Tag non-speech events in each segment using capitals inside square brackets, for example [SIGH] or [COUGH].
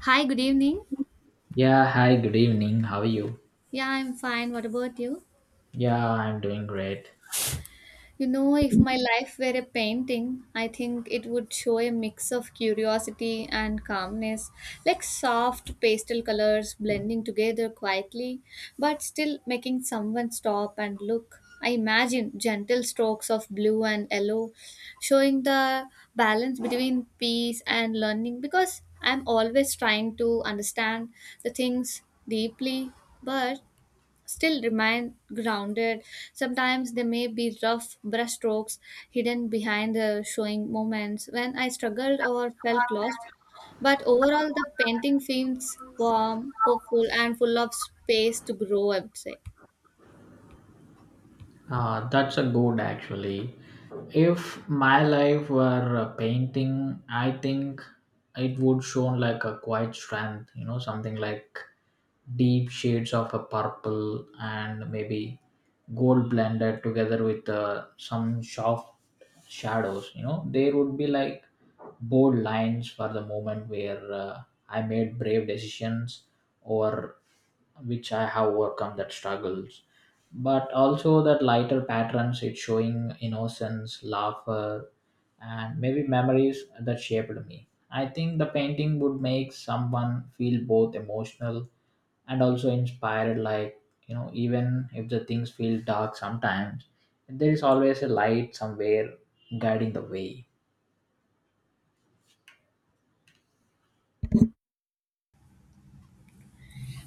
Hi, good evening. Yeah, hi, good evening. How are you? Yeah, I'm fine. What about you? Yeah, I'm doing great. You know, if my life were a painting, I think it would show a mix of curiosity and calmness, like soft pastel colors blending together quietly, but still making someone stop and look. I imagine gentle strokes of blue and yellow, showing the balance between peace and learning because I'm always trying to understand the things deeply, but still remain grounded. Sometimes they may be rough brushstrokes hidden behind the showing moments when I struggled or felt lost. But overall, the painting feels warm, hopeful, and full of space to grow, I would say. That's a good actually. If my life were a painting, I think it would show like a quiet strength, you know, something like deep shades of a purple and maybe gold blended together with some soft shadows, you know, there would be like bold lines for the moment where I made brave decisions or which I have overcome that struggles, but also that lighter patterns it's showing innocence laughter and maybe memories that shaped me. I think the painting would make someone feel both emotional and also inspired, like, you know, even if the things feel dark sometimes, there is always a light somewhere guiding the way.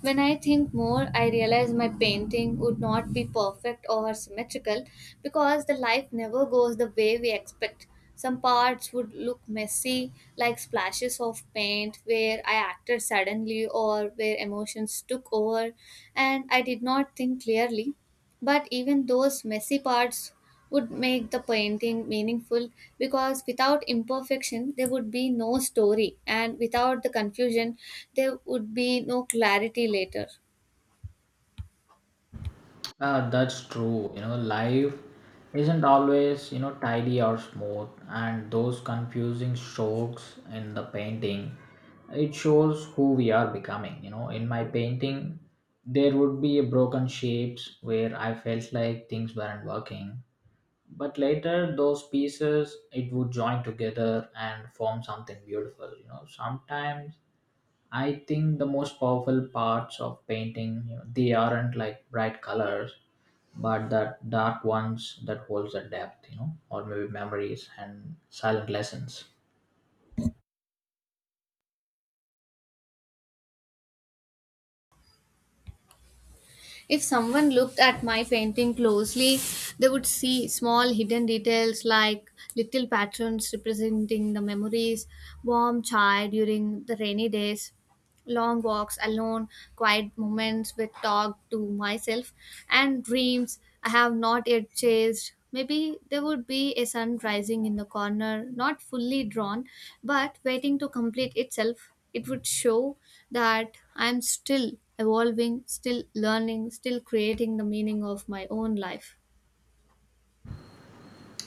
When I think more, I realize my painting would not be perfect or symmetrical because the life never goes the way we expect. Some parts would look messy, like splashes of paint where I acted suddenly or where emotions took over, and I did not think clearly. But even those messy parts would make the painting meaningful because without imperfection, there would be no story, and without the confusion, there would be no clarity later. That's true. You know, life isn't always, you know, tidy or smooth, and those confusing strokes in the painting, it shows who we are becoming. You know, in my painting, there would be broken shapes where I felt like things weren't working, but later those pieces it would join together and form something beautiful. You know, sometimes I think the most powerful parts of painting, you know, they aren't like bright colors, but that dark ones that holds a depth, you know, or maybe memories and silent lessons. If someone looked at my painting closely, they would see small hidden details like little patterns representing the memories, warm chai during the rainy days, long walks alone, quiet moments with talk to myself, and dreams I have not yet chased. Maybe there would be a sun rising in the corner, not fully drawn, but waiting to complete itself. It would show that I am still evolving, still learning, still creating the meaning of my own life.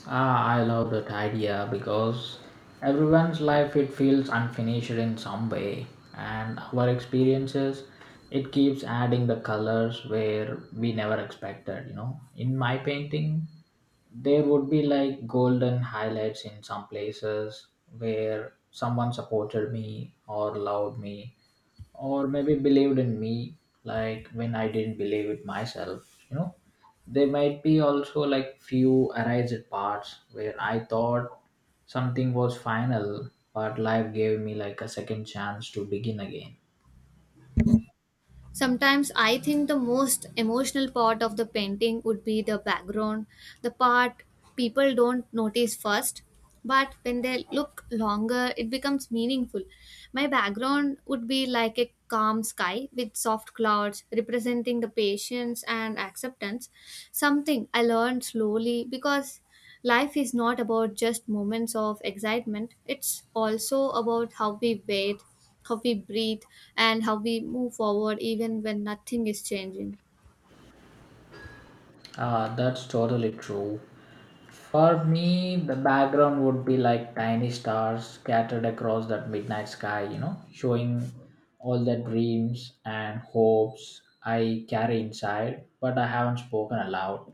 Ah, I love that idea because everyone's life it feels unfinished in some way, and our experiences it keeps adding the colors where we never expected. You know, in my painting, there would be like golden highlights in some places where someone supported me or loved me or maybe believed in me like when I didn't believe it myself. You know, there might be also like few arised parts where I thought something was final, but life gave me like a second chance to begin again. Sometimes I think the most emotional part of the painting would be the background, the part people don't notice first, but when they look longer, it becomes meaningful. My background would be like a calm sky with soft clouds representing the patience and acceptance, something I learned slowly because life is not about just moments of excitement, it's also about how we wait, how we breathe, and how we move forward even when nothing is changing. Ah, that's totally true. For me, the background would be like tiny stars scattered across that midnight sky, you know, showing all the dreams and hopes I carry inside but I haven't spoken aloud.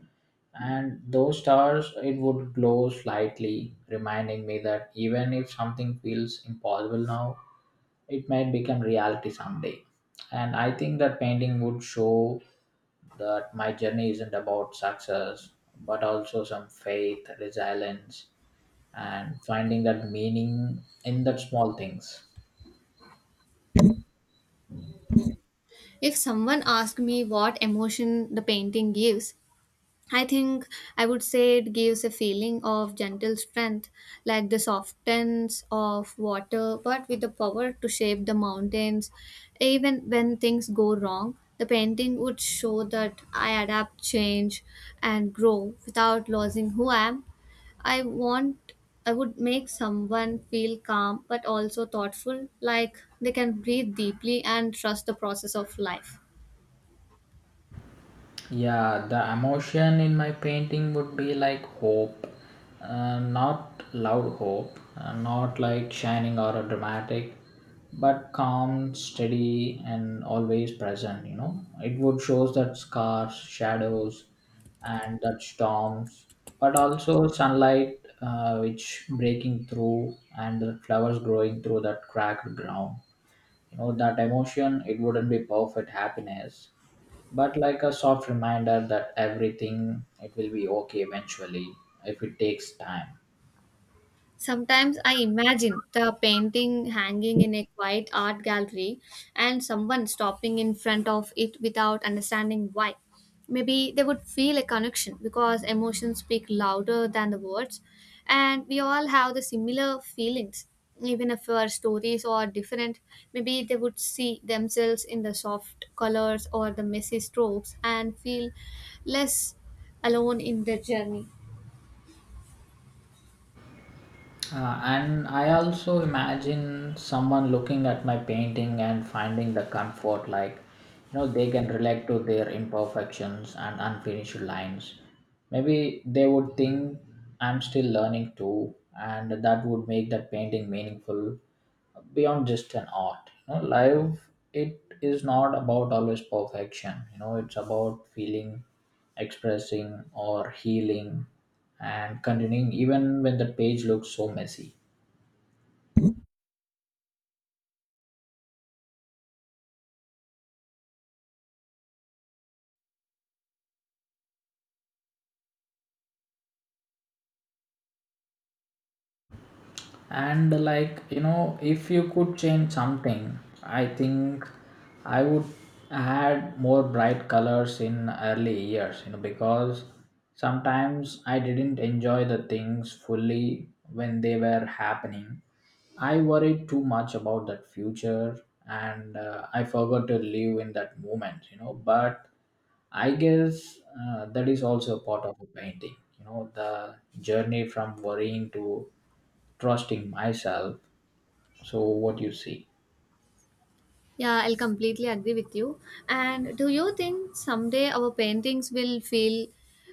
And those stars it would glow slightly, reminding me that even if something feels impossible now, it might become reality someday. And I think that painting would show that my journey isn't about success but also some faith, resilience, and finding that meaning in that small things. If someone asked me what emotion the painting gives, I think I would say it gives a feeling of gentle strength, like the softness of water, but with the power to shape the mountains. Even when things go wrong, the painting would show that I adapt, change, and grow without losing who I am. I want I would make someone feel calm but also thoughtful, like they can breathe deeply and trust the process of life. Yeah, the emotion in my painting would be like hope, not loud hope, not like shining or dramatic, but calm, steady, and always present. You know, it would shows that scars, shadows, and that storms, but also sunlight, which breaking through, and the flowers growing through that cracked ground. You know, that emotion. It wouldn't be perfect happiness but like a soft reminder that everything it will be okay eventually if it takes time. Sometimes I imagine the painting hanging in a quiet art gallery and someone stopping in front of it without understanding why. Maybe they would feel a connection because emotions speak louder than the words, and we all have the similar feelings. Even if our stories are different, maybe they would see themselves in the soft colors or the messy strokes and feel less alone in their journey. And I also imagine someone looking at my painting and finding the comfort, like, you know, they can relate to their imperfections and unfinished lines. Maybe they would think I'm still learning too, and that would make that painting meaningful beyond just an art. You know, life it is not about always perfection, you know, it's about feeling, expressing or healing, and continuing even when the page looks so messy. And, like, you know, if you could change something, I think I would add more bright colors in early years, you know, because sometimes I didn't enjoy the things fully when they were happening. I worried too much about that future, and I forgot to live in that moment, you know. But I guess that is also a part of a painting. You know, the journey from worrying to trusting myself. So, what you see? Yeah, I'll completely agree with you. And do you think someday our paintings will feel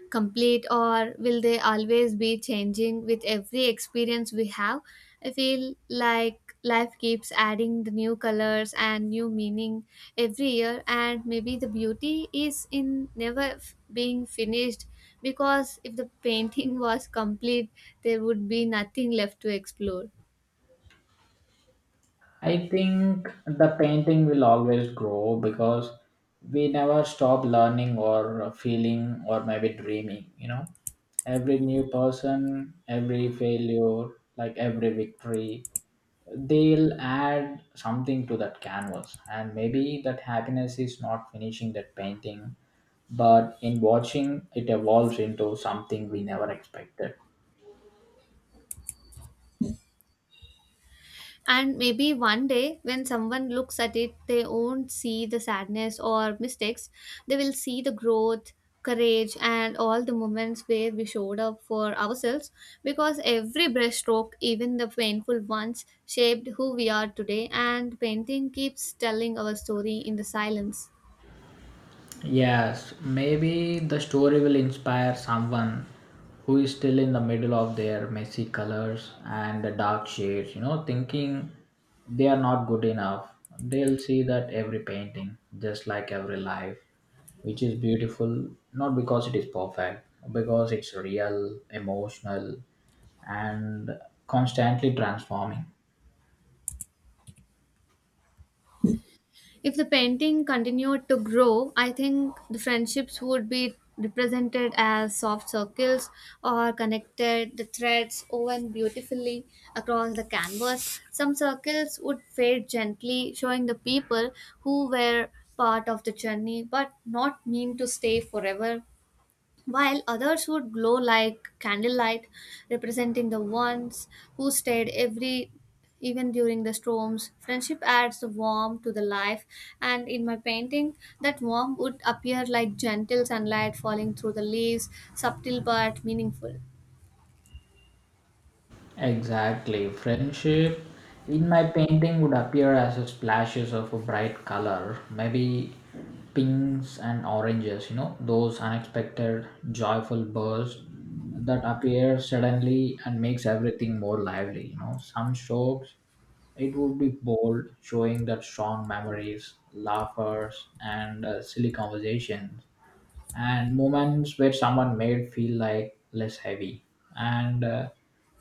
complete or will they always be changing with every experience we have? I feel like life keeps adding the new colors and new meaning every year, and maybe the beauty is in never being finished because if the painting [LAUGHS] was complete, there would be nothing left to explore. I think the painting will always grow because we never stop learning or feeling or maybe dreaming, you know. Every new person, every failure, like every victory, they'll add something to that canvas. And maybe that happiness is not finishing that painting, but in watching it evolves into something we never expected. And maybe one day, when someone looks at it, they won't see the sadness or mistakes. They will see the growth, courage, and all the moments where we showed up for ourselves. Because every brushstroke, even the painful ones, shaped who we are today. And painting keeps telling our story in the silence. Yes, maybe the story will inspire someone who is still in the middle of their messy colors and the dark shades, you know, thinking they are not good enough. They'll see that every painting, just like every life, which is beautiful, not because it is perfect, because it's real, emotional, and constantly transforming. If the painting continued to grow, I think the friendships would be represented as soft circles or connected the threads woven beautifully across the canvas. Some circles would fade gently, showing the people who were part of the journey but not mean to stay forever, while others would glow like candlelight, representing the ones who stayed every even during the storms. Friendship adds the warmth to the life, and in my painting, that warmth would appear like gentle sunlight falling through the leaves, subtle but meaningful. Exactly. Friendship in my painting would appear as a splashes of a bright color, maybe pinks and oranges, you know, those unexpected joyful bursts that appear suddenly and makes everything more lively, you know. Some strokes it would be bold, showing that strong memories, laughers and silly conversations and moments where someone made feel like less heavy, and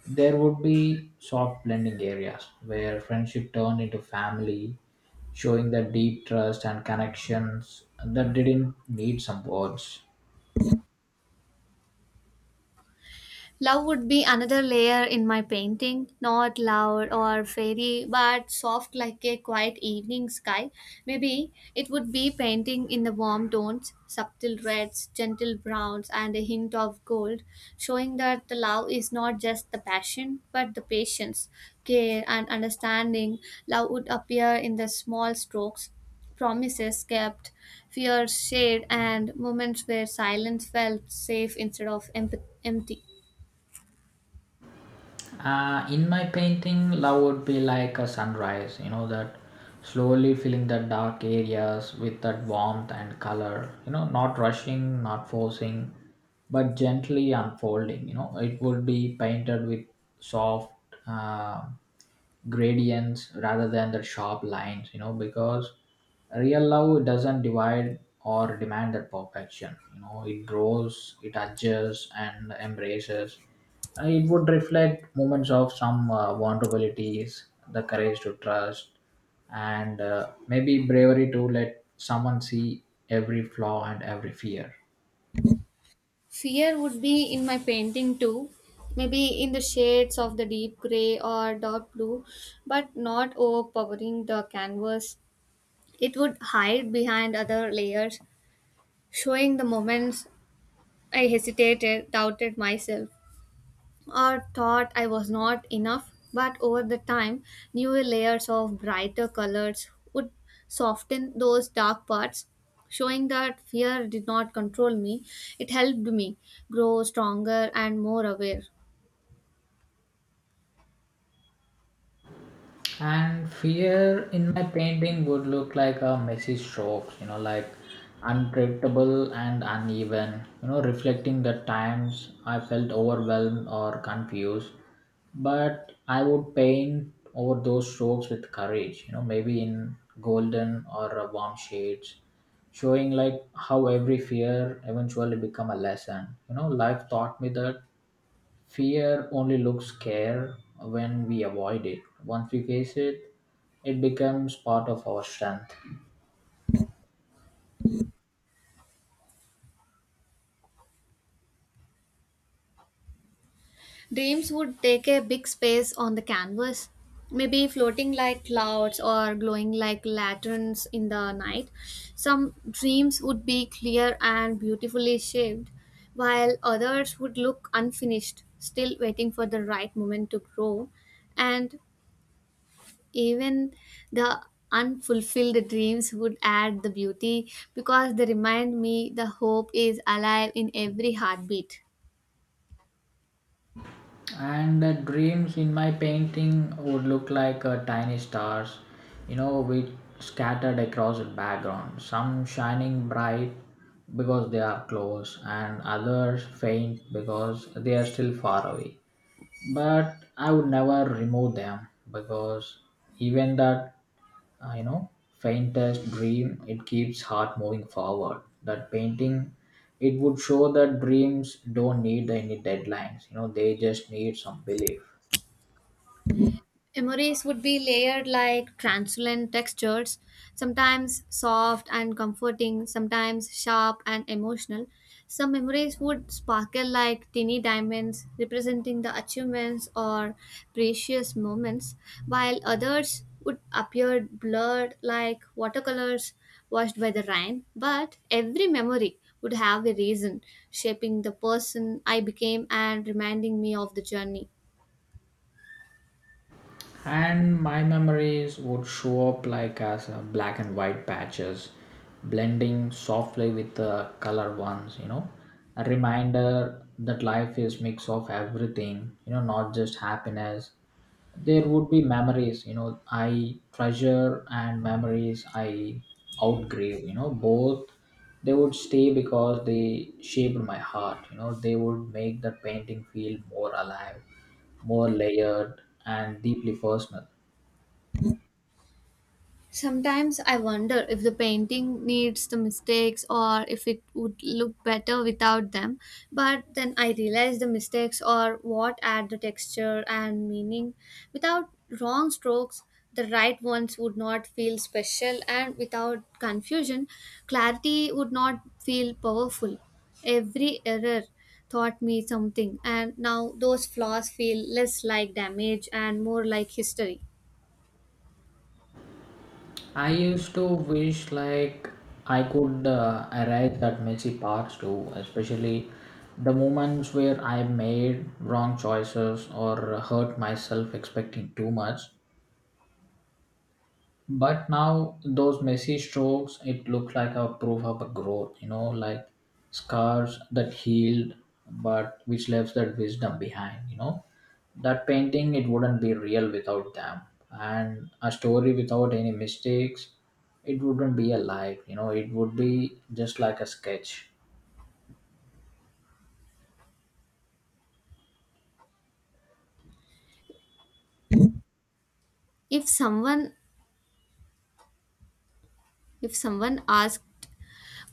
there would be soft blending areas where friendship turned into family, showing the deep trust and connections that didn't need some words. Love would be another layer in my painting, not loud or fairy, but soft like a quiet evening sky. Maybe it would be painting in the warm tones, subtle reds, gentle browns, and a hint of gold, showing that the love is not just the passion, but the patience, care, and understanding. Love would appear in the small strokes, promises kept, fears shared, and moments where silence felt safe instead of empty. In my painting, love would be like a sunrise, you know, that slowly filling the dark areas with that warmth and color, you know, not rushing, not forcing, but gently unfolding. You know, it would be painted with soft uh, gradients rather than the sharp lines, you know, because real love doesn't divide or demand that perfection. You know, it grows, it adjusts, and embraces. It would reflect moments of some vulnerabilities, the courage to trust, and maybe bravery to let someone see every flaw and every fear. Fear would be in my painting too, maybe in the shades of the deep gray or dark blue, but not overpowering the canvas. It would hide behind other layers, showing the moments I hesitated, doubted myself, or thought I was not enough, but over the time, newer layers of brighter colors would soften those dark parts, showing that fear did not control me. It helped me grow stronger and more aware. And fear in my painting would look like a messy strokes, you know, like unpredictable and uneven, you know, reflecting the times I felt overwhelmed or confused. But I would paint over those strokes with courage, you know, maybe in golden or warm shades, showing like how every fear eventually become a lesson. You know, life taught me that fear only looks scare when we avoid it. Once we face it, it becomes part of our strength. Dreams would take a big space on the canvas, maybe floating like clouds or glowing like lanterns in the night. Some dreams would be clear and beautifully shaped, while others would look unfinished, still waiting for the right moment to grow. And even the unfulfilled dreams would add the beauty because they remind me the hope is alive in every heartbeat. And the dreams in my painting would look like tiny stars, you know, which scattered across the background. Some shining bright because they are close, and others faint because they are still far away. But I would never remove them because even that you know faintest dream it keeps heart moving forward. That painting it would show that dreams don't need any deadlines, you know, they just need some belief. Emories would be layered like translucent textures, sometimes soft and comforting, sometimes sharp and emotional. Some memories would sparkle like tiny diamonds, representing the achievements or precious moments, while others would appear blurred like watercolors washed by the rain. But every memory would have a reason, shaping the person I became and reminding me of the journey. And my memories would show up like as black and white patches blending softly with the color ones, you know, a reminder that life is mix of everything, you know, not just happiness. There would be memories, you know, I treasure and memories I outgrave, you know. Both they would stay because they shaped my heart, you know, they would make the painting feel more alive, more layered, and deeply personal. Sometimes I wonder if the painting needs the mistakes or if it would look better without them. But then I realize the mistakes are what add the texture and meaning. Without wrong strokes, the right ones would not feel special, and without confusion, clarity would not feel powerful. Every error taught me something, and now those flaws feel less like damage and more like history. I used to wish like I could arrive at messy parts too, especially the moments where I made wrong choices or hurt myself expecting too much. But now those messy strokes, it looked like a proof of a growth, you know, like scars that healed, but which left that wisdom behind, you know. That painting, it wouldn't be real without them. And a story without any mistakes, it wouldn't be alive, you know, it would be just like a sketch. if someone If someone asks,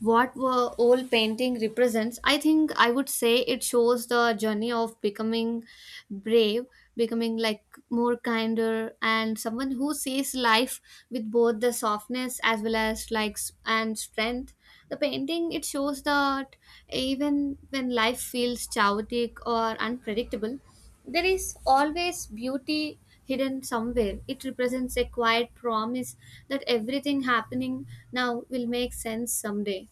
what were old painting represents, I think I would say it shows the journey of becoming brave, becoming like more kinder and someone who sees life with both the softness as well as likes and strength. The painting it shows that even when life feels chaotic or unpredictable, there is always beauty hidden somewhere. It represents a quiet promise that everything happening now will make sense someday.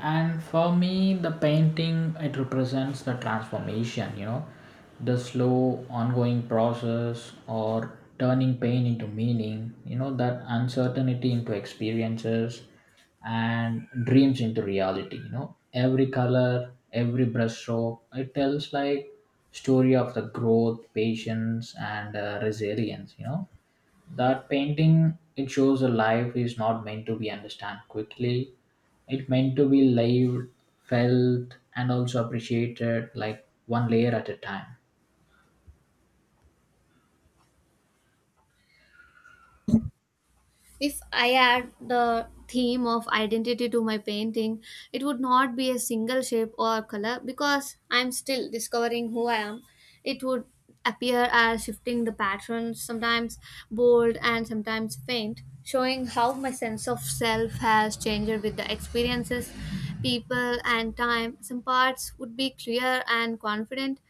And for me, the painting it represents the transformation, you know, the slow ongoing process or turning pain into meaning, you know, that uncertainty into experiences and dreams into reality, you know. Every color, every brushstroke, it tells like story of the growth, patience and resilience, you know. That painting it shows a life is not meant to be understood quickly. It meant to be lived, felt, and also appreciated like one layer at a time. If I add the theme of identity to my painting, it would not be a single shape or color because I'm still discovering who I am. It would appear as shifting the patterns, sometimes bold and sometimes faint, showing how my sense of self has changed with the experiences, people, and time. Some parts would be clear and confident,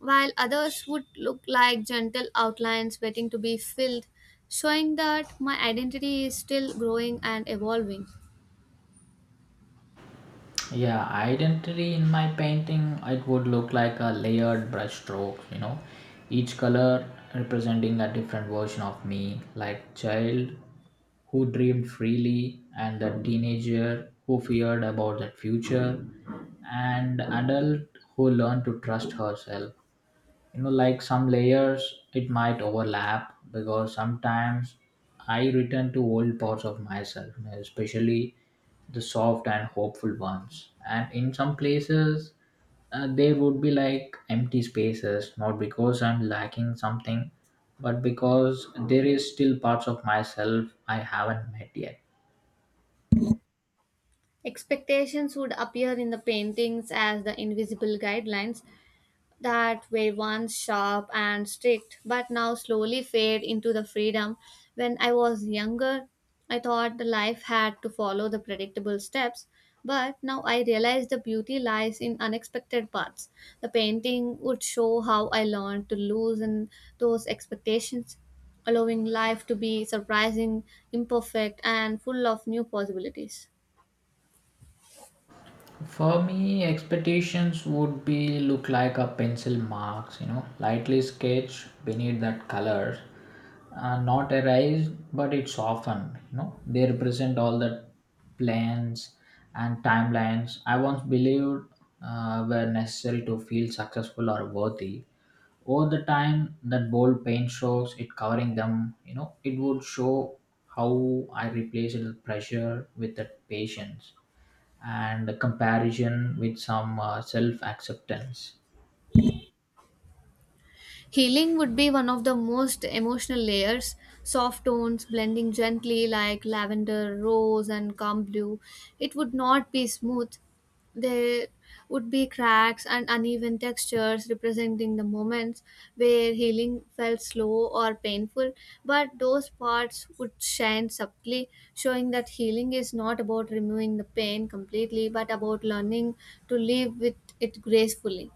while others would look like gentle outlines waiting to be filled, showing that my identity is still growing and evolving. Yeah, identity in my painting, it would look like a layered brush strokes, you know, each color representing a different version of me, like child who dreamed freely, and the teenager who feared about the future, and adult who learned to trust herself. You know, like some layers it might overlap because sometimes I return to old parts of myself, you know, especially the soft and hopeful ones. And in some places, there would be like empty spaces, not because I'm lacking something, but because there is still parts of myself I haven't met yet. Expectations would appear in the paintings as the invisible guidelines, that were once sharp and strict but now slowly fade into the freedom. When I was younger, I thought the life had to follow the predictable steps, but now I realize the beauty lies in unexpected paths. The painting would show how I learned to loosen those expectations, allowing life to be surprising, imperfect, and full of new possibilities. For me, expectations would be look like a pencil marks, you know, lightly sketched beneath that color, not erased, but it's often, you know, they represent all the plans and timelines I once believed were necessary to feel successful or worthy. Over the time, that bold paint shows it covering them, you know, it would show how I replaced the pressure with the patience, and comparison with some self acceptance. Healing would be one of the most emotional layers. Soft tones blending gently like lavender, rose, and calm blue. It would not be smooth. There would be cracks and uneven textures representing the moments where healing felt slow or painful, but those parts would shine subtly, showing that healing is not about removing the pain completely but about learning to live with it gracefully.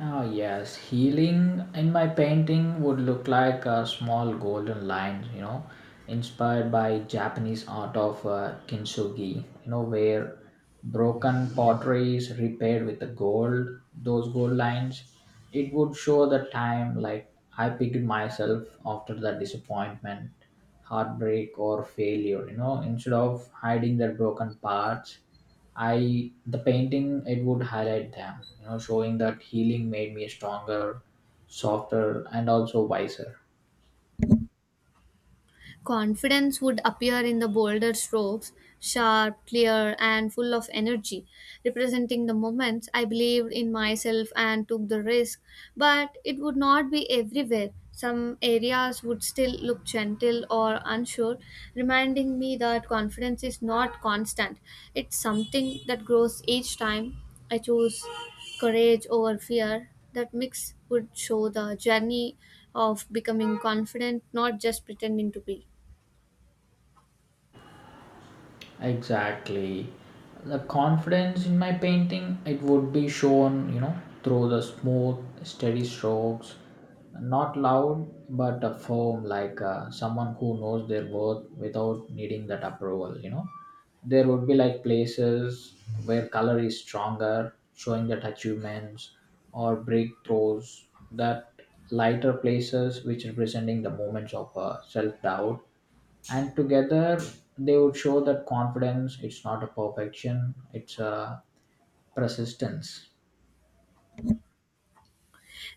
Ah, yes, healing in my painting would look like a small golden line, you know, inspired by Japanese art of kintsugi, you know, where broken pottery is repaired with the gold, those gold lines. It would show the time, like I picked myself after the disappointment, heartbreak, or failure, you know, instead of hiding their broken parts I the painting it would highlight them, you know, showing that healing made me stronger, softer, and also wiser. Confidence would appear in the bolder strokes, sharp, clear, and full of energy, representing the moments I believed in myself and took the risk. But it would not be everywhere. Some areas would still look gentle or unsure, reminding me that confidence is not constant. It's something that grows each time I choose courage over fear. That mix would show the journey of becoming confident, not just pretending to be. Exactly. The confidence in my painting it would be shown, you know, through the smooth steady strokes, not loud but firm, like someone who knows their worth without needing that approval, you know. There would be like places where color is stronger, showing that achievements or breakthroughs, that lighter places which representing the moments of self-doubt, and together they would show that confidence it's not a perfection, it's a persistence.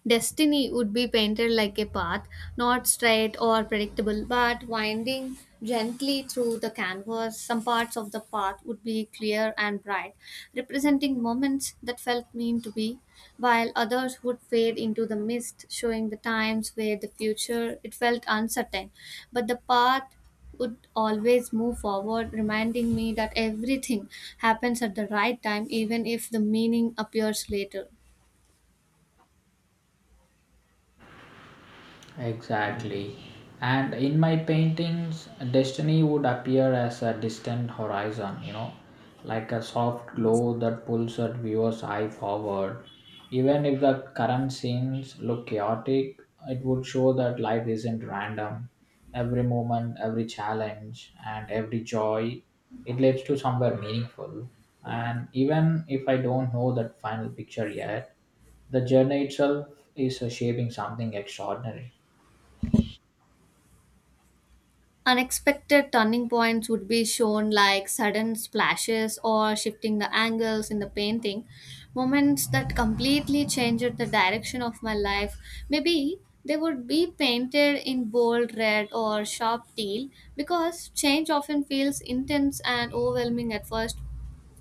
Destiny would be painted like a path, not straight or predictable, but winding gently through the canvas. Some parts of the path would be clear and bright, representing moments that felt mean to be, while others would fade into the mist, showing the times where the future it felt uncertain. But the path would always move forward, reminding me that everything [LAUGHS] happens at the right time, even if the meaning appears later. Exactly. And in my paintings, destiny would appear as a distant horizon, you know, like a soft glow that pulls a viewer's eye forward. Even if the current scenes look chaotic, it would show that life isn't random. Every moment, every challenge, and every joy, it leads to somewhere meaningful. And even if I don't know that final picture yet, the journey itself is shaping something extraordinary. Unexpected turning points would be shown like sudden splashes or shifting the angles in the painting, moments that completely changed the direction of my life. Maybe they would be painted in bold red or sharp teal because change often feels intense and overwhelming at first,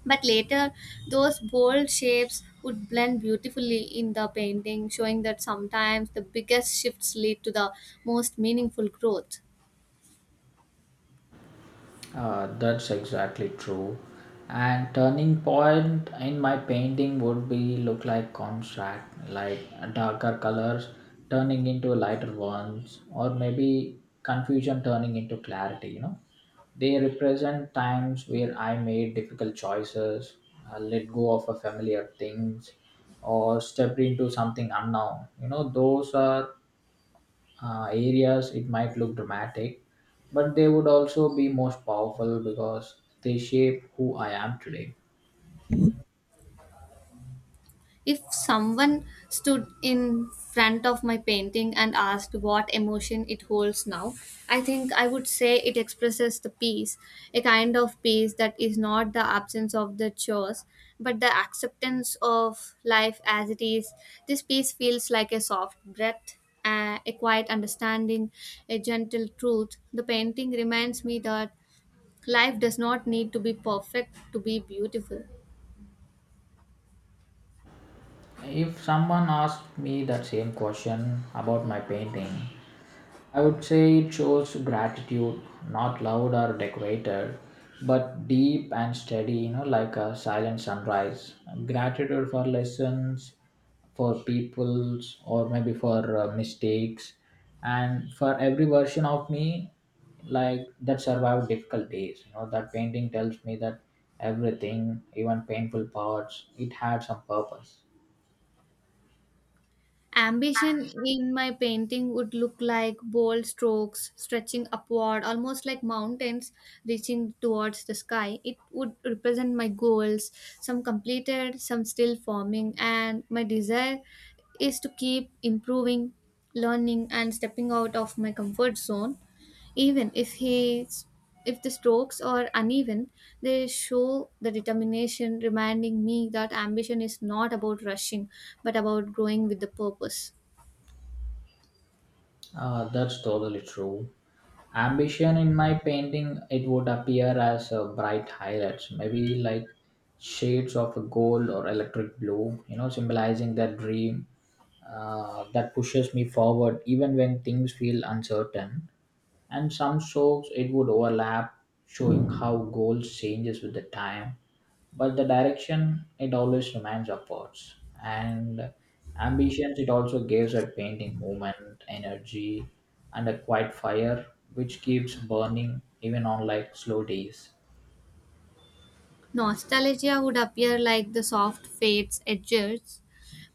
but later those bold shapes would blend beautifully in the painting, showing that sometimes the biggest shifts lead to the most meaningful growth. That's exactly true. And turning point in my painting would be look like contrast, like darker colors turning into lighter ones, or maybe confusion turning into clarity. You know, they represent times where I made difficult choices, let go of a familiar things, or stepped into something unknown. You know, those are areas it might look dramatic, but they would also be most powerful because they shape who I am today. If someone stood in front of my painting and asked what emotion it holds now, I think I would say it expresses the peace, a kind of peace that is not the absence of the chores, but the acceptance of life as it is. This peace feels like a soft breath. A quiet understanding, a gentle truth. The painting reminds me that life does not need to be perfect to be beautiful. If someone asked me that same question about my painting, I would say it shows gratitude, not loud or decorated, but deep and steady, you know, like a silent sunrise. Gratitude for lessons, for peoples, or maybe for mistakes, and for every version of me, like that survived difficult days. You know, that painting tells me that everything, even painful parts, it had some purpose. Ambition in my painting would look like bold strokes stretching upward, almost like mountains reaching towards the sky. It would represent my goals, some completed, some still forming, and my desire is to keep improving, learning, and stepping out of my comfort zone. Even if the strokes are uneven, they show the determination, reminding me that ambition is not about rushing, but about growing with the purpose. That's totally true. Ambition in my painting, it would appear as bright highlights, maybe like shades of gold or electric blue, you know, symbolizing that dream that pushes me forward even when things feel uncertain. And some strokes, it would overlap, showing how goals changes with the time, but the direction it always remains upwards. And ambitions it also gives a painting movement energy and a quiet fire which keeps burning even on like slow days. Nostalgia would appear like the soft fades edges,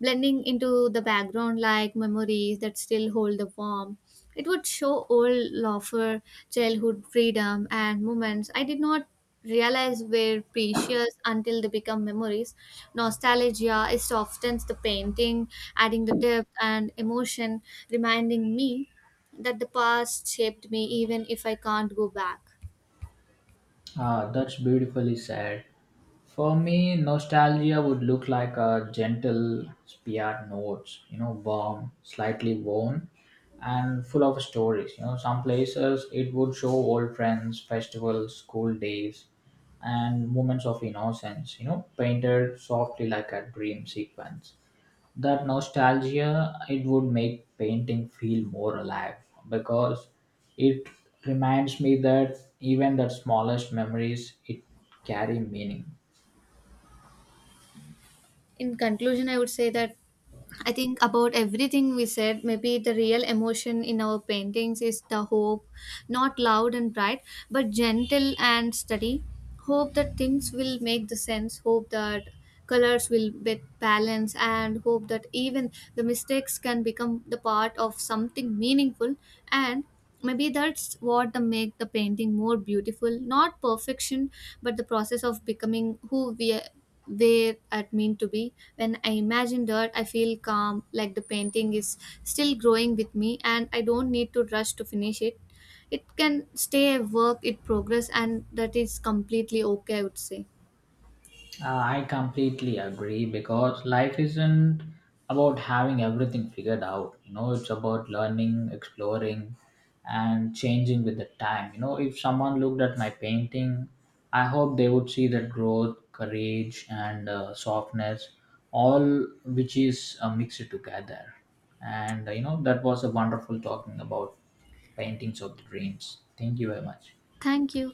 blending into the background like memories that still hold the warmth. It would show old laughter, childhood freedom, and moments I did not realize were precious until they become memories. Nostalgia is softens the painting, adding the depth and emotion, reminding me that the past shaped me even if I can't go back. Ah, that's beautifully said. For me, nostalgia would look like a gentle spiat notes, you know, warm, slightly worn, and full of stories. You know, some places it would show old friends, festivals, school days, and moments of innocence, you know, painted softly like a dream sequence. That nostalgia it would make painting feel more alive because it reminds me that even the smallest memories it carry meaning. In conclusion, I would say that I think about everything we said, maybe the real emotion in our paintings is the hope, not loud and bright, but gentle and steady, hope that things will make the sense, hope that colors will get balance, and hope that even the mistakes can become the part of something meaningful. And maybe that's what the make the painting more beautiful, not perfection, but the process of becoming who we where I mean to be. When I imagine that, I feel calm, like the painting is still growing with me, and I don't need to rush to finish it. It can stay a work in progress, and that is completely okay, I would say. I completely agree, because life isn't about having everything figured out. You know, it's about learning, exploring, and changing with the time. You know, if someone looked at my painting, I hope they would see that growth, courage, and softness, all which is mixed together. And you know, that was a wonderful talking about paintings of the dreams. Thank you very much. Thank you.